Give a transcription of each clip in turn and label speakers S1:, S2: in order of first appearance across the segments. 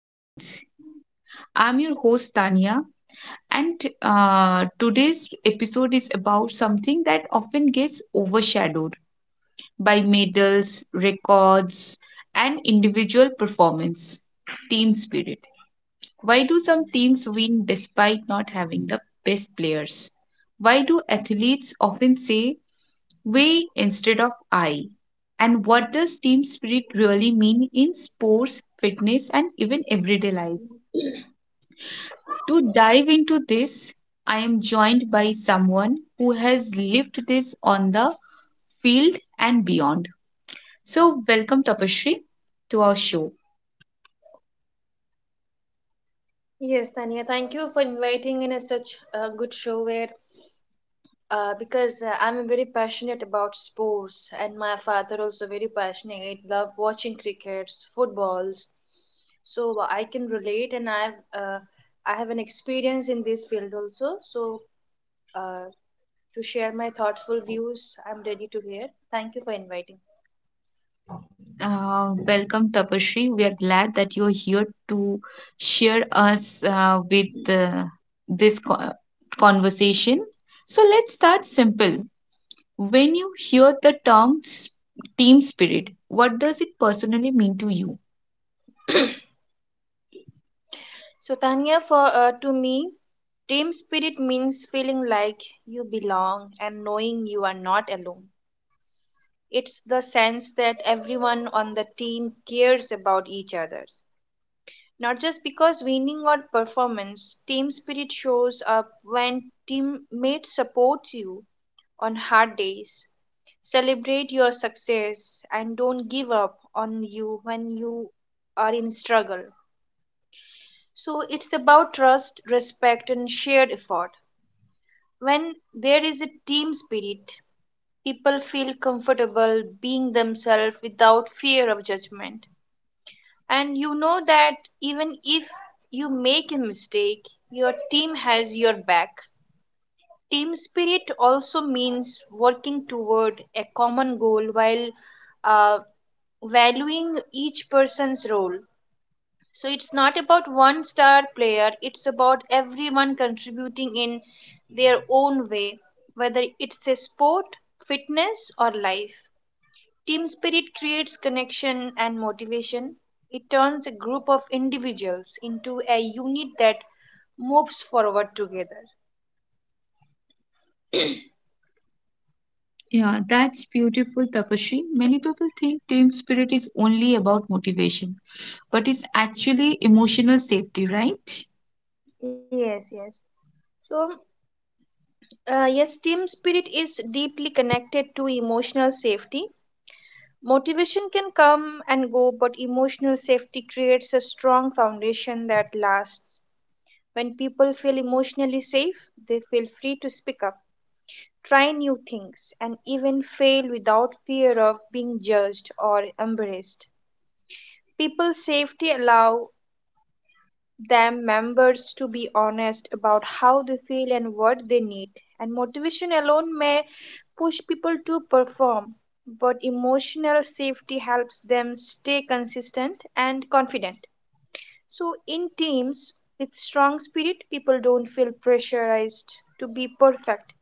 S1: leads. I'm your host, Tania, and today's episode is about something that often gets overshadowed by medals, records, and individual performance team spirit. Why do some teams win despite not having the best players? Why do athletes often say we instead of I? And what does team spirit really mean in sports, fitness, and even everyday life? To dive into this, I am joined by someone who has lived this on the field and beyond. So, welcome Tapashri to our show.
S2: Yes, Tanya, thank you for inviting in a such a good show where because I'm very passionate about sports and my father also very passionate. Love watching crickets, footballs. So I can relate and I have an experience in this field also. So uh, to share my thoughtful views, I'm ready to hear. Thank you for inviting.
S1: Welcome, Tapashri. We are glad that you're here to share us with this co- conversation. So let's start simple. When you hear the term team spirit, what does it personally mean to you?
S2: So Tanya, for to me, team spirit means feeling like you belong and knowing you are not alone. It's the sense that everyone on the team cares about each other, not just because winning or performance. Team spirit shows up when teammates support you on hard days, celebrate your success, and don't give up on you when you are in struggle. So it's about trust, respect, and shared effort. When there is a team spirit, people feel comfortable being themselves without fear of judgment. And you know that even if you make a mistake, your team has your back. Team spirit also means working toward a common goal while uh, valuing each person's role. So it's not about one star player, it's about everyone contributing in their own way, whether it's a sport, fitness, or life. Team spirit creates connection and motivation. It turns a group of individuals into a unit that moves forward together.
S1: Yeah, that's beautiful, Tapashri. Many people think team spirit is only about motivation, but it's actually emotional safety, right?
S2: Yes, yes. So, yes, team spirit is deeply connected to emotional safety. Motivation can come and go, but emotional safety creates a strong foundation that lasts. When people feel emotionally safe, they feel free to speak up, try new things, and even fail without fear of being judged or embarrassed. People safety allow them members to be honest about how they feel and what they need, and motivation alone may push people to perform, but emotional safety helps them stay consistent and confident. So, in teams with strong spirit, people don't feel pressurized to be perfect.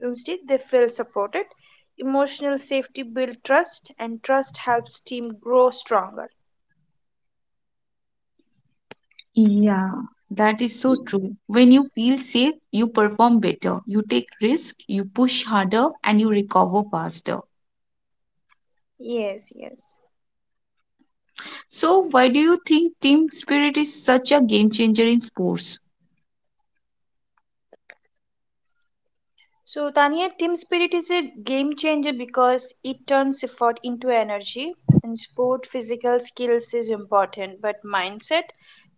S2: Instead, they feel supported. Emotional safety builds trust, and trust helps team grow stronger.
S1: Yeah, that is so true. When you feel safe, you perform better, you take risk, you push harder, and you recover faster.
S2: Yes, yes.
S1: So, why do you think team spirit is such a game changer in sports?
S2: So, Tania, team spirit is a game changer because it turns effort into energy. In sport, physical skills is important, but mindset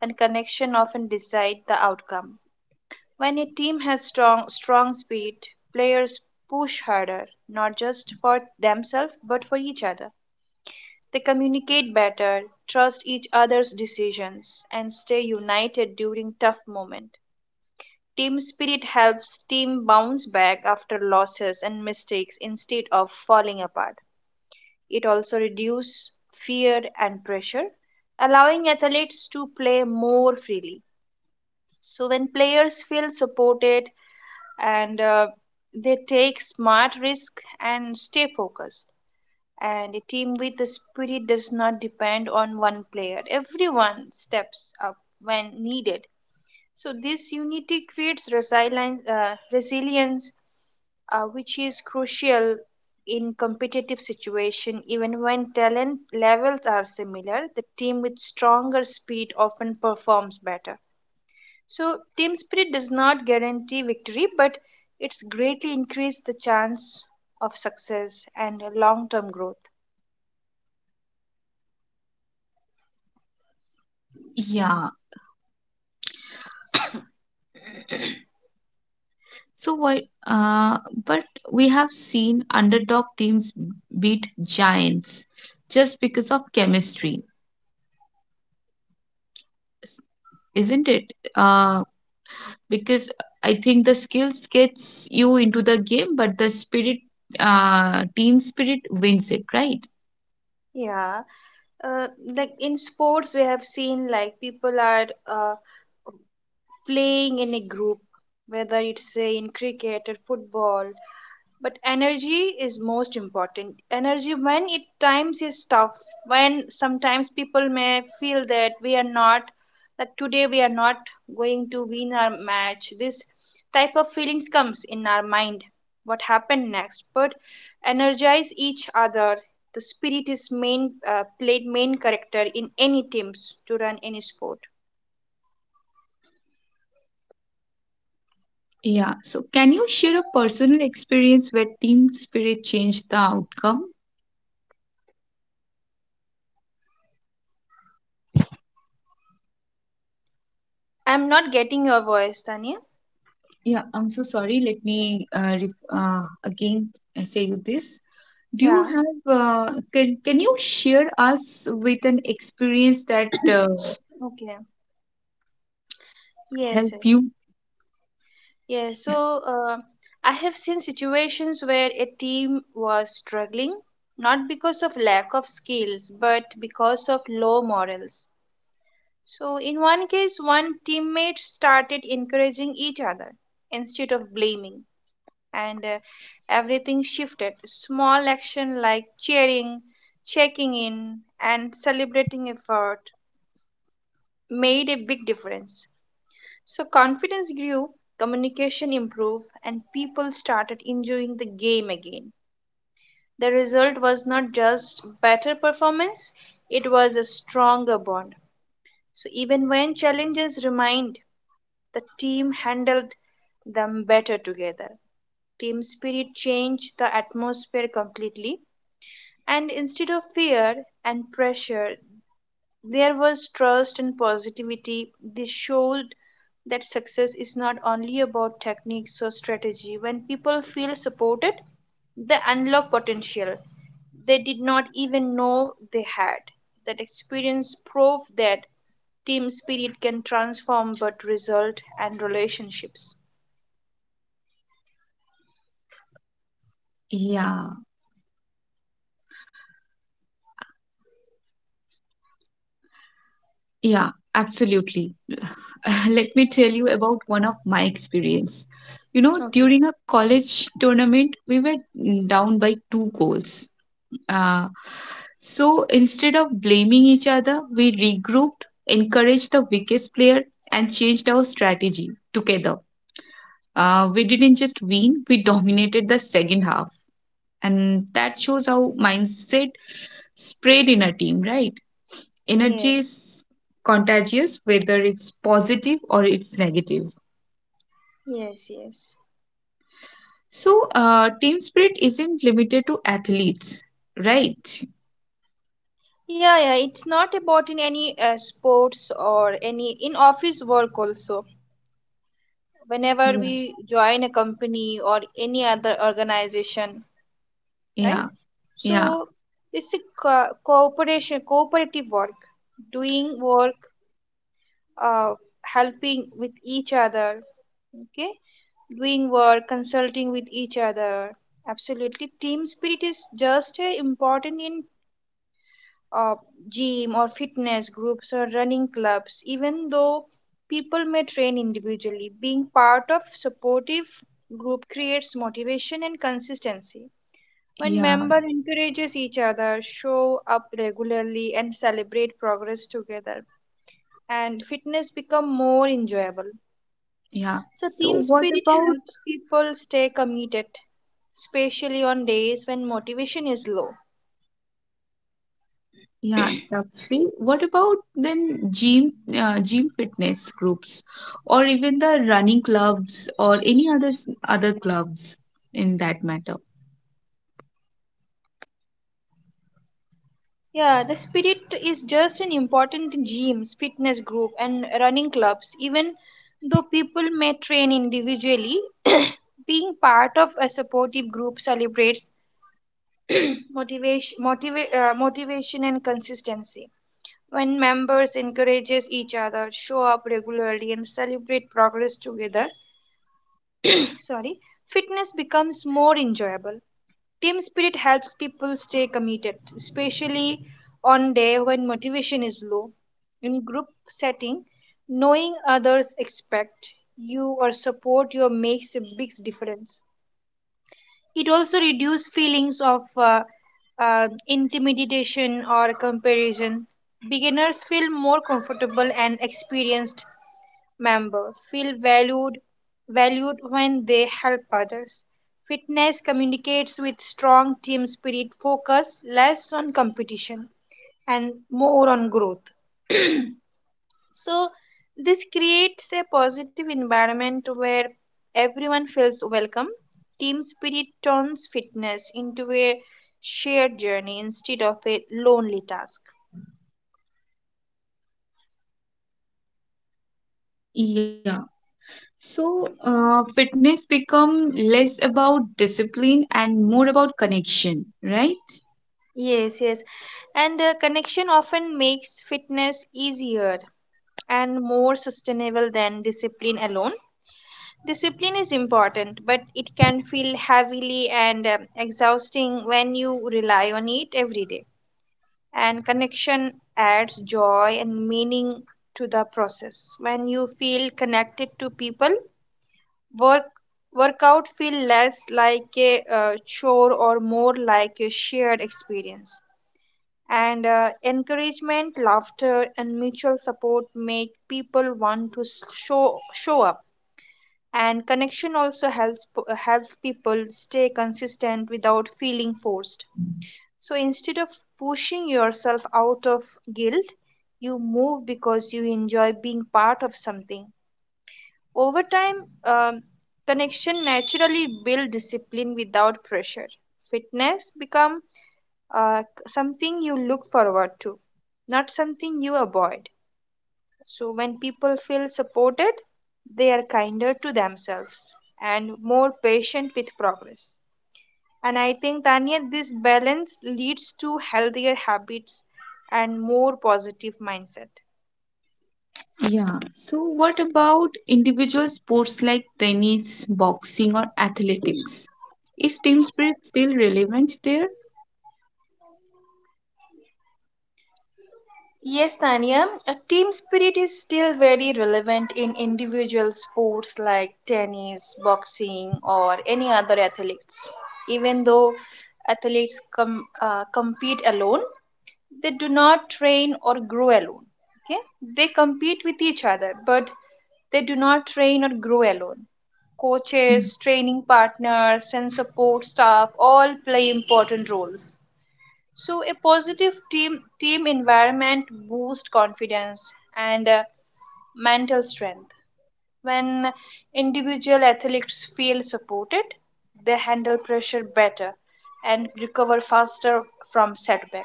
S2: and connection often decide the outcome. When a team has strong spirit, players push harder, not just for themselves but for each other. They communicate better, trust each other's decisions, and stay united during tough moments. Team spirit helps team bounce back after losses and mistakes instead of falling apart. It also reduces fear and pressure, allowing athletes to play more freely. So when players feel supported and they take smart risk and stay focused, and a team with a spirit does not depend on one player. Everyone steps up when needed. So this unity creates resilience, which is crucial in competitive situation. Even when talent levels are similar, the team with stronger speed often performs better. So team spirit does not guarantee victory, but it's greatly increased the chance of success and long term growth.
S1: Yeah. s- So why? Uh, but we have seen underdog teams beat giants just because of chemistry, isn't it? Because I think the skills gets you into the game, but the spirit, team spirit wins it, right?
S2: Yeah. uh, like in sports, we have seen like people are playing in a group, whether it's say in cricket or football, but energy is most important. Energy when it times is tough, when sometimes people may feel that we are not that today we are not going to win our match, this type of feelings comes in our mind, what happened next, but energize each other. The spirit is main, played main character in any teams to run any sport.
S1: Yeah. So, can you share a personal experience where team spirit changed the outcome?
S2: I'm not getting your voice, Tanya.
S1: Yeah, I'm so sorry. Let me again say you this. Do you
S2: Yeah.
S1: have, can you share us with an experience that
S2: Okay. Yes,
S1: help
S2: yes.
S1: you?
S2: Yeah,
S1: Yeah.
S2: so I have seen situations where a team was struggling, not because of lack of skills, but because of low morals. So, in one case, one teammate started encouraging each other instead of blaming, and everything shifted. Small action like cheering, checking in, and celebrating effort made a big difference. So confidence grew, communication improved, and people started enjoying the game again. The result was not just better performance, it was a stronger bond. So even when challenges remained, the team handled them better together. Team spirit changed the atmosphere completely, and instead of fear and pressure, there was trust and positivity. They showed that success is not only about techniques or strategy. When people feel supported, they unlock potential they did not even know they had. That experience proved that team spirit can transform both result and relationships.
S1: Yeah, yeah, absolutely. Let me tell you about one of my experience. You know,
S2: Okay.
S1: during a college tournament, we were down by two goals. Uh, so instead of blaming each other, we regrouped, encouraged the weakest player, and changed our strategy together. We didn't just win, we dominated the second half. And that shows how mindset spread in a team, right? Energy
S2: Yes.
S1: is contagious, whether it's positive or it's negative.
S2: Yes. Yes.
S1: So, team spirit isn't limited to athletes, right?
S2: Yeah. Yeah. It's not about in any sports or any in office work also, whenever
S1: Yeah,
S2: we join a company or any other organization, right?
S1: yeah, yeah,
S2: So this is cooperation, cooperative work, doing work, uh, helping with each other, okay? Doing work, consulting with each other. Absolutely, team spirit is just important in uh, gym or fitness groups or running clubs, even though people may train individually. Being part of supportive group creates motivation and consistency. When
S1: yeah,
S2: member encourages each other, show up regularly and celebrate progress together, and fitness become more enjoyable.
S1: yeah,
S2: So
S1: so,
S2: team
S1: what
S2: spirit
S1: about
S2: helps people stay committed, especially on days when motivation is low.
S1: yeah. That's what about then gym, gym fitness groups, or even the running clubs, or any other other clubs in that matter?
S2: Yeah, the spirit is just an important in gyms, fitness group, and running clubs. Even though people may train individually, being part of a supportive group celebrates motivation and consistency. When members encourages each other, show up regularly, and celebrate progress together, sorry, fitness becomes more enjoyable. Team spirit helps people stay committed, especially on day when motivation is low. In group setting, knowing others expect you or support you makes a big difference. It also reduces feelings of intimidation or comparison. Beginners feel more comfortable and experienced member feel valued when they help others. Fitness communicates with strong team spirit, focus less on competition and more on growth. So, this creates a positive environment where everyone feels welcome. Team spirit turns fitness into a shared journey instead of a lonely task.
S1: Yeah, so, fitness become less about discipline and more about connection, right?
S2: Yes, yes. And connection often makes fitness easier and more sustainable than discipline alone. Discipline is important, but it can feel heavily and exhausting when you rely on it every day. And connection adds joy and meaning to the process. When you feel connected to people, work workout feel less like a chore or more like a shared experience, and encouragement, laughter, and mutual support make people want to show up. And connection also helps helps people stay consistent without feeling forced. So instead of pushing yourself out of guilt, you move because you enjoy being part of something. Over time, um, connection naturally build discipline without pressure. Fitness become something you look forward to, not something you avoid. So, when people feel supported, they are kinder to themselves and more patient with progress. And I think, Tanya, this balance leads to healthier habits and more positive mindset.
S1: Yeah. So, what about individual sports like tennis, boxing, or athletics? Is team spirit still relevant there?
S2: Yes, Tanya, a team spirit is still very relevant in individual sports like tennis, boxing, or any other athletes. Even though athletes compete alone, they do not train or grow alone. Okay, they compete with each other, but they do not train or grow alone.
S1: Yeah.
S2: Coaches, training partners, and support staff all play important roles, so a positive team environment boosts confidence and mental strength. When individual athletes feel supported, they handle pressure better and recover faster from setback.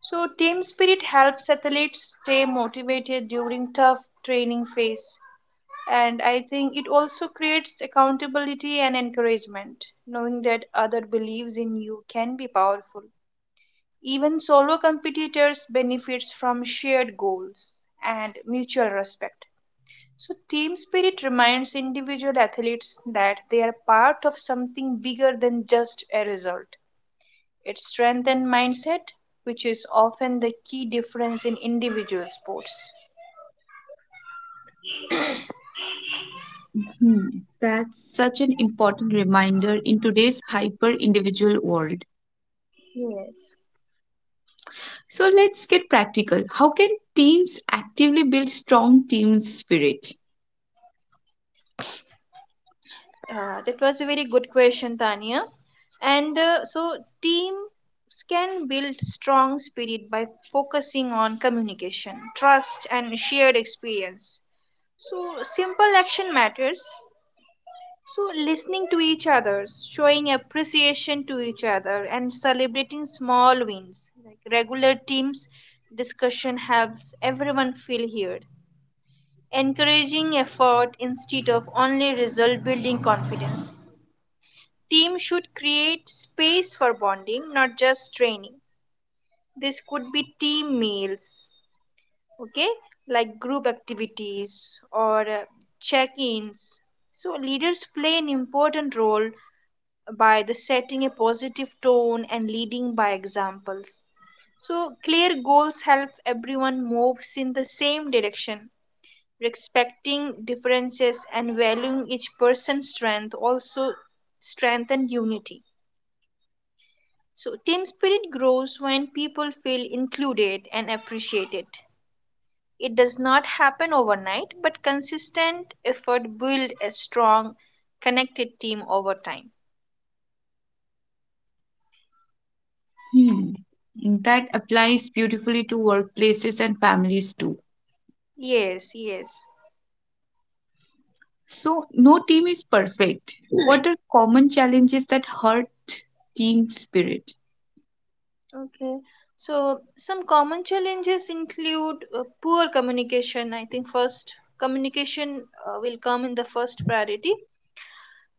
S2: So team spirit helps athletes stay motivated during tough training phase. And I think it also creates accountability and encouragement. Knowing that other believes in you can be powerful. Even solo competitors benefits from shared goals and mutual respect. So team spirit reminds individual athletes that they are part of something bigger than just a result. It strengthens mindset, which is often the key difference in individual sports.
S1: Hmm. That's such an important reminder in today's hyper individual world.
S2: Yes.
S1: So, let's get practical. How can teams actively build strong team spirit?
S2: That was a very good question, Tanya. And so, teams can build strong spirit by focusing on communication, trust, and shared experience. So, simple action matters. So, listening to each other, showing appreciation to each other, and celebrating small wins. Like regular teams discussion helps everyone feel heard. Encouraging effort instead of only result building confidence. Team should create space for bonding, not just training. This could be team meals, okay, like group activities or check ins. So, leaders play an important role by the setting a positive tone and leading by examples. So, clear goals help everyone moves in the same direction. Respecting differences and valuing each person's strength also strengthen unity. So, team spirit grows when people feel included and appreciated. It does not happen overnight, but consistent effort builds a strong, connected team over time.
S1: Hmm. That applies beautifully to workplaces and families too.
S2: Yes, yes.
S1: So, no team is perfect. What are common challenges that hurt team spirit?
S2: Okay. So, some common challenges include poor communication. I think first, communication will come in the first priority,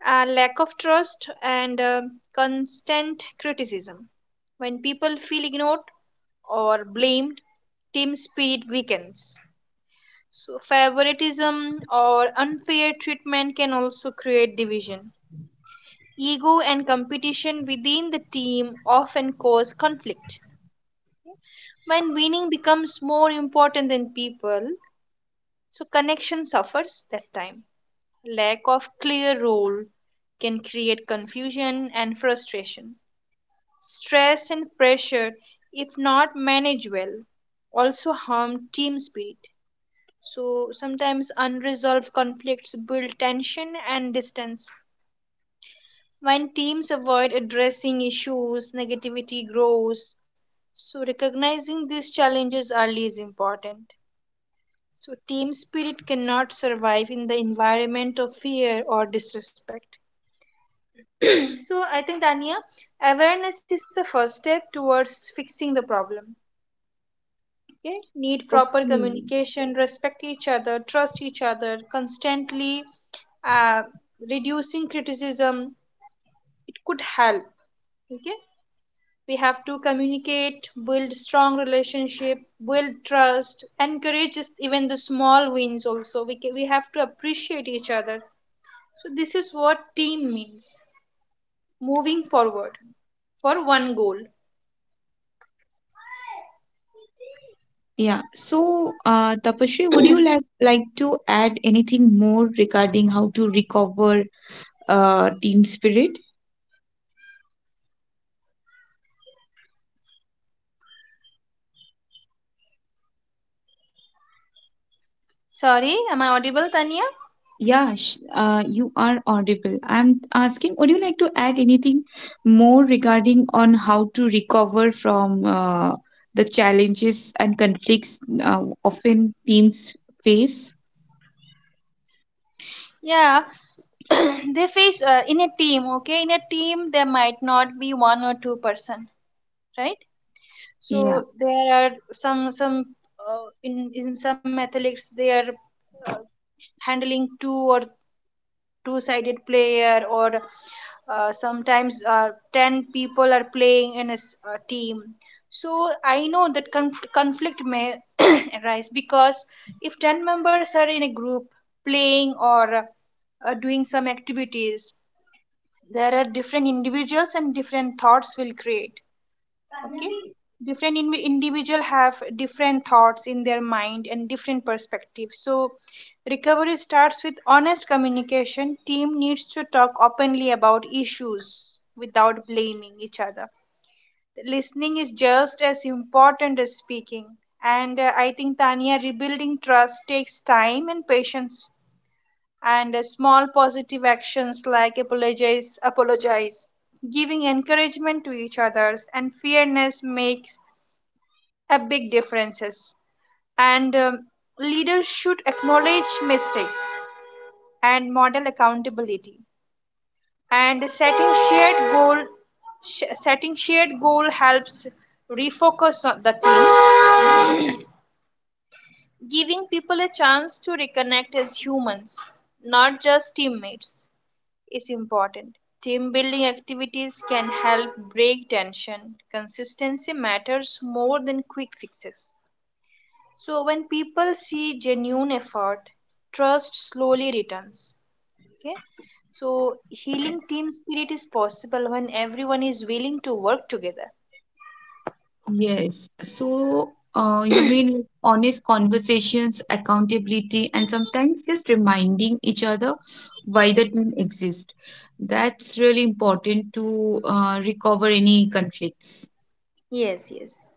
S2: lack of trust, and constant criticism. When people feel ignored, or blamed, team spirit weakens. So, favoritism or unfair treatment can also create division. Ego and competition within the team often cause conflict. When winning becomes more important than people, so connection suffers that time. Lack of clear role can create confusion and frustration. Stress and pressure, if not managed well, also harm team spirit. So sometimes unresolved conflicts build tension and distance. When teams avoid addressing issues, negativity grows. So recognizing these challenges early is important. So team spirit cannot survive in the environment of fear or disrespect. So I think Dania, awareness is the first step towards fixing the problem. Okay, need proper
S1: Okay.
S2: communication, respect each other, trust each other constantly. uh, Reducing criticism, it could help. Okay, we have to communicate, build strong relationship, build trust, encourage even the small wins also we have to appreciate each other. So this is what team means, moving forward for one goal.
S1: Yeah. So, Tapashri, would you like to add anything more regarding how to recover team spirit?
S2: Sorry, am I audible, Tanya?
S1: Yeah, sh you are audible. I'm asking, would you like to add anything more regarding on how to recover from the challenges and conflicts often teams face?
S2: Yeah, they face in a team. Okay, in a team there might not be one or two-person, right?
S1: Yeah.
S2: So there are some in some athletes, they are handling two or two-sided player, or sometimes 10 people are playing in a a team. So I know that conflict may arise because if 10 members are in a group playing or doing some activities, there are different individuals and different thoughts will create. Okay, different individual have different thoughts in their mind and different perspectives. So recovery starts with honest communication. Team needs to talk openly about issues without blaming each other. Listening is just as important as speaking. And I think, Tanya, rebuilding trust takes time and patience. And small positive actions like apologize, giving encouragement to each others, and fairness makes a big differences. And leaders should acknowledge mistakes and model accountability. And setting shared goal, setting shared goal helps refocus on the team. Giving people a chance to reconnect as humans, not just teammates, is important. Team building activities can help break tension. Consistency matters more than quick fixes. So, when people see genuine effort, trust slowly returns. Okay, so healing team spirit is possible when everyone is willing to work together.
S1: Yes. So, you mean honest conversations, accountability, and sometimes just reminding each other why the team exists. That's really important to recover any conflicts.
S2: Yes, yes.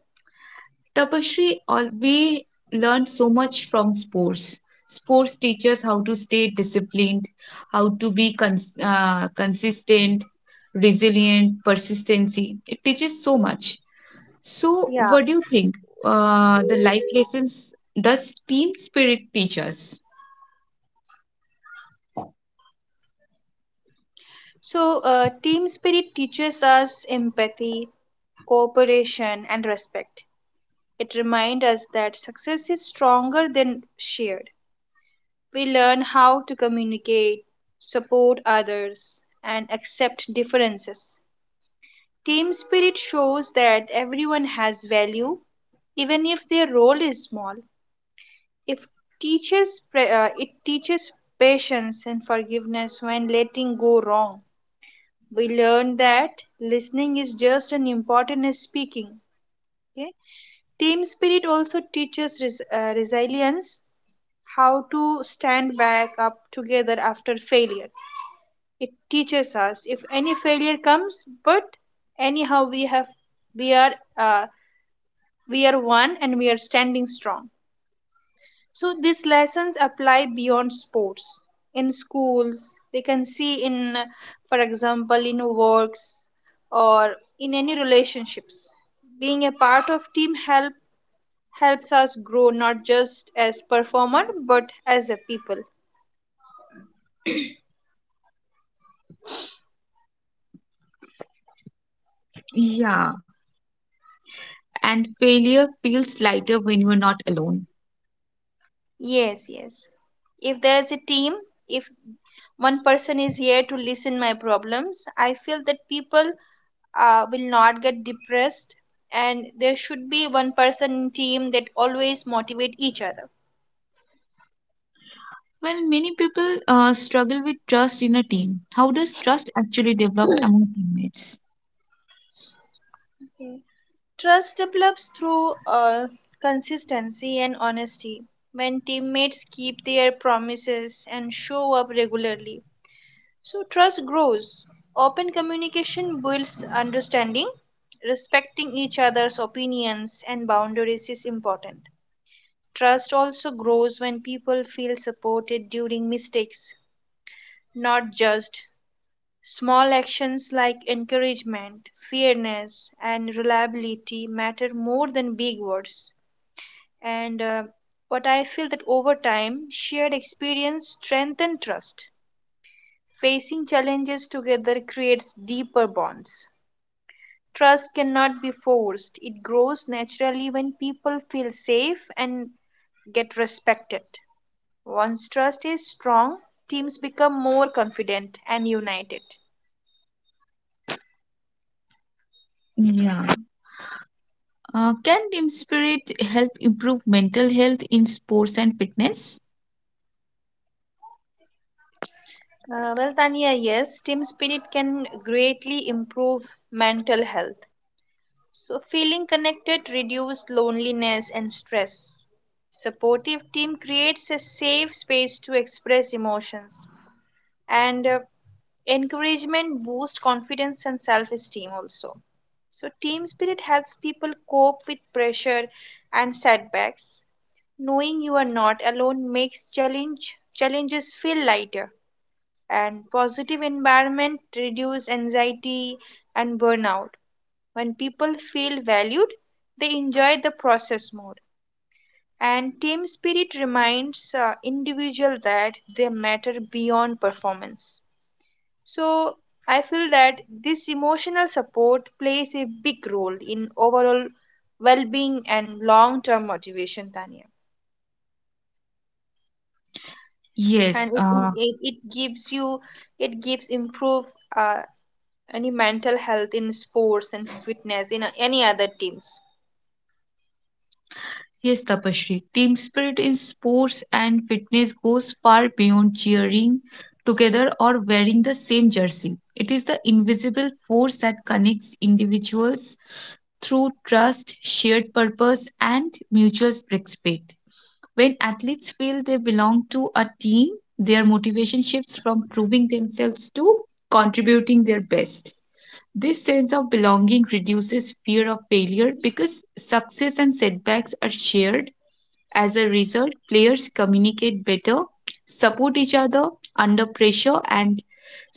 S1: Tapashri, all, we learned so much from sports. Sports teaches how to stay disciplined, how to be consistent, resilient, persistency. It teaches so much. So,
S2: Yeah.
S1: what do you think? The life lessons does team spirit teach us?
S2: So, team spirit teaches us empathy, cooperation, and respect. It reminds us that success is stronger than shared. We learn how to communicate, support others, and accept differences. Team spirit shows that everyone has value, even if their role is small. If teaches it teaches patience and forgiveness when letting go wrong. We learn that listening is just as important as speaking. Okay? Team spirit also teaches resilience, how to stand back up together after failure. It teaches us if any failure comes, but anyhow we have, we are uh, we are one and we are standing strong. So these lessons apply beyond sports. In schools, we can see in, for example, in works, or in any relationships. Being a part of team helps us grow not just as performer but as a people.
S1: Yeah, and failure feels lighter when you're not alone.
S2: Yes, yes. If there is a team, if one person is here to listen my problems, I feel that people will not get depressed, and there should be one person in team that always motivate each other.
S1: Well, many people struggle with trust in a team. How does trust actually develop among teammates?
S2: Okay. Trust develops through consistency and honesty. When teammates keep their promises and show up regularly, so trust grows. Open communication builds understanding. Respecting each other's opinions and boundaries is important. Trust also grows when people feel supported during mistakes, not judged. Small actions like encouragement, fairness, and reliability matter more than big words. And what I feel that over time, shared experience strengthens trust. Facing challenges together creates deeper bonds. Trust cannot be forced, it grows naturally when people feel safe and get respected. Once trust is strong, teams become more confident and united.
S1: Yeah. Can team spirit help improve mental health in sports and fitness?
S2: Well, Tanya, yes, team spirit can greatly improve mental health. So, feeling connected reduces loneliness and stress. Supportive team creates a safe space to express emotions, and encouragement boosts confidence and self esteem also. So, team spirit helps people cope with pressure and setbacks. Knowing you are not alone makes challenges feel lighter, and positive environment reduce anxiety and burnout. When people feel valued, they enjoy the process more. And team spirit reminds individual that they matter beyond performance. So I feel that this emotional support plays a big role in overall well-being and long-term motivation, Tanya. And
S1: Yes.
S2: it it gives you, it gives improve uh, any mental health in sports and fitness in any other teams.
S1: Yes, Tapashri. Team spirit in sports and fitness goes far beyond cheering together or wearing the same jersey. It is the invisible force that connects individuals through trust, shared purpose, and mutual respect. When athletes feel they belong to a team, their motivation shifts from proving themselves to contributing their best. This sense of belonging reduces fear of failure because success and setbacks are shared. As a result, players communicate better, support each other under pressure, and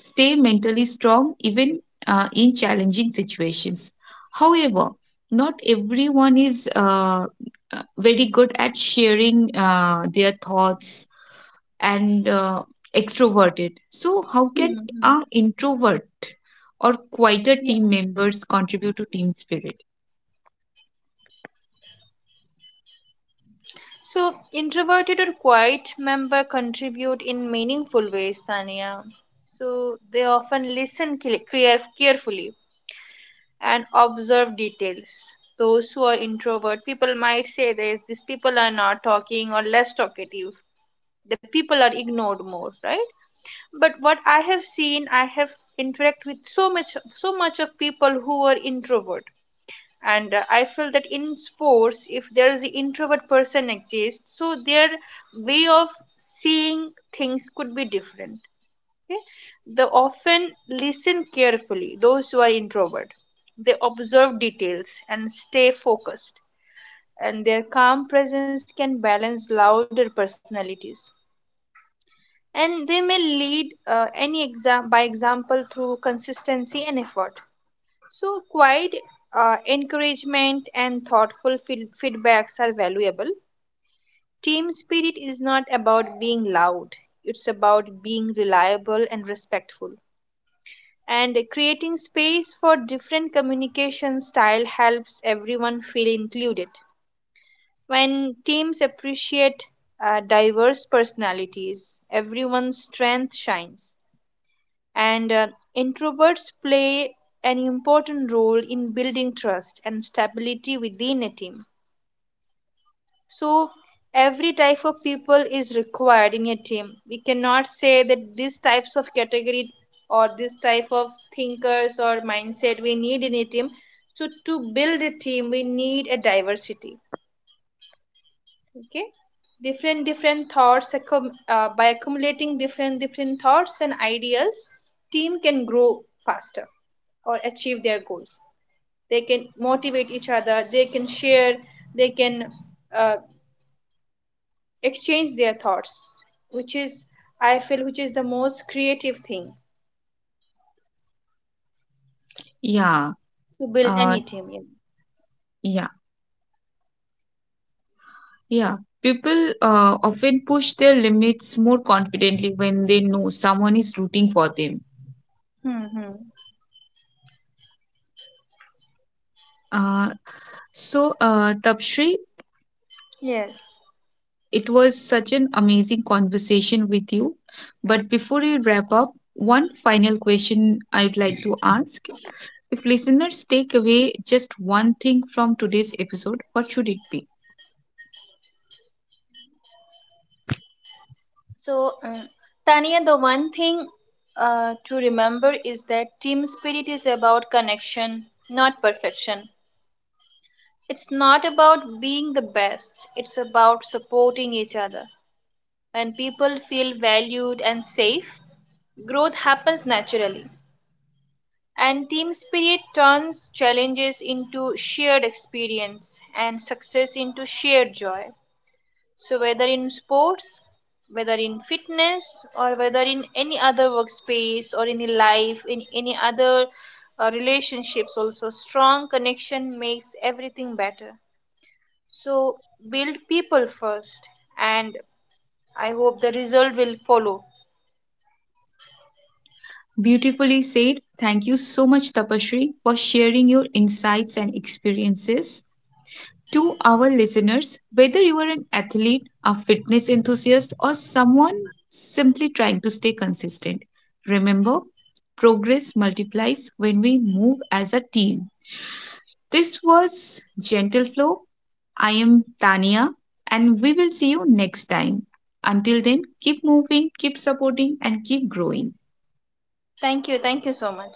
S1: stay mentally strong even in challenging situations. However, not everyone is very good at sharing their thoughts and extroverted. So, how can
S2: Hmm.
S1: an introvert or quieter
S2: Yeah.
S1: team members contribute to team spirit?
S2: So introverted or quiet member contribute in meaningful ways, Tanya. So they often listen carefully and observe details. Those who are introvert people might say that these people are not talking or less talkative, the people are ignored more, right? But what I have seen, I have interact with so much, so much of people who are introvert. And I feel that in sports, if there is an introvert person exists, so their way of seeing things could be different. Okay? They often listen carefully, those who are introvert, they observe details and stay focused, and their calm presence can balance louder personalities. And they may lead any exam by example through consistency and effort. So quiet encouragement and thoughtful feedbacks are valuable. Team spirit is not about being loud, it's about being reliable and respectful. And creating space for different communication style helps everyone feel included. When teams appreciate diverse personalities, everyone's strength shines. And introverts play an important role in building trust and stability within a team. So every type of people is required in a team. We cannot say that these types of category, or this type of thinkers or mindset we need in a team. So to build a team we need a diversity. Okay, different different thoughts accum by accumulating different different thoughts and ideas, team can grow faster or achieve their goals. They can motivate each other, they can share, they can uh, exchange their thoughts, which is, I feel, which is the most creative thing
S1: Yeah,
S2: to build any
S1: uh,
S2: team in.
S1: yeah, yeah. People often push their limits more confidently when they know someone is rooting for them.
S2: Hmm.
S1: Uh, so, Tapshri,
S2: Yes.
S1: it was such an amazing conversation with you. But before we wrap up, one final question I'd like to ask. If listeners take away just one thing from today's episode, what should it be?
S2: So, Tania, the one thing to remember is that team spirit is about connection, not perfection. It's not about being the best, it's about supporting each other. When people feel valued and safe, growth happens naturally. And team spirit turns challenges into shared experience and success into shared joy. So whether in sports, whether in fitness, or whether in any other workspace or in life, in any other relationships, also strong connection makes everything better. So build people first, and I hope the result will follow.
S1: Beautifully said. Thank you so much, Tapashri, for sharing your insights and experiences. To our listeners, whether you are an athlete, a fitness enthusiast, or someone simply trying to stay consistent, remember progress multiplies when we move as a team. This was Gentle Flow. I am Tania, and we will see you next time. Until then, keep moving, keep supporting, and keep growing.
S2: Thank you so much.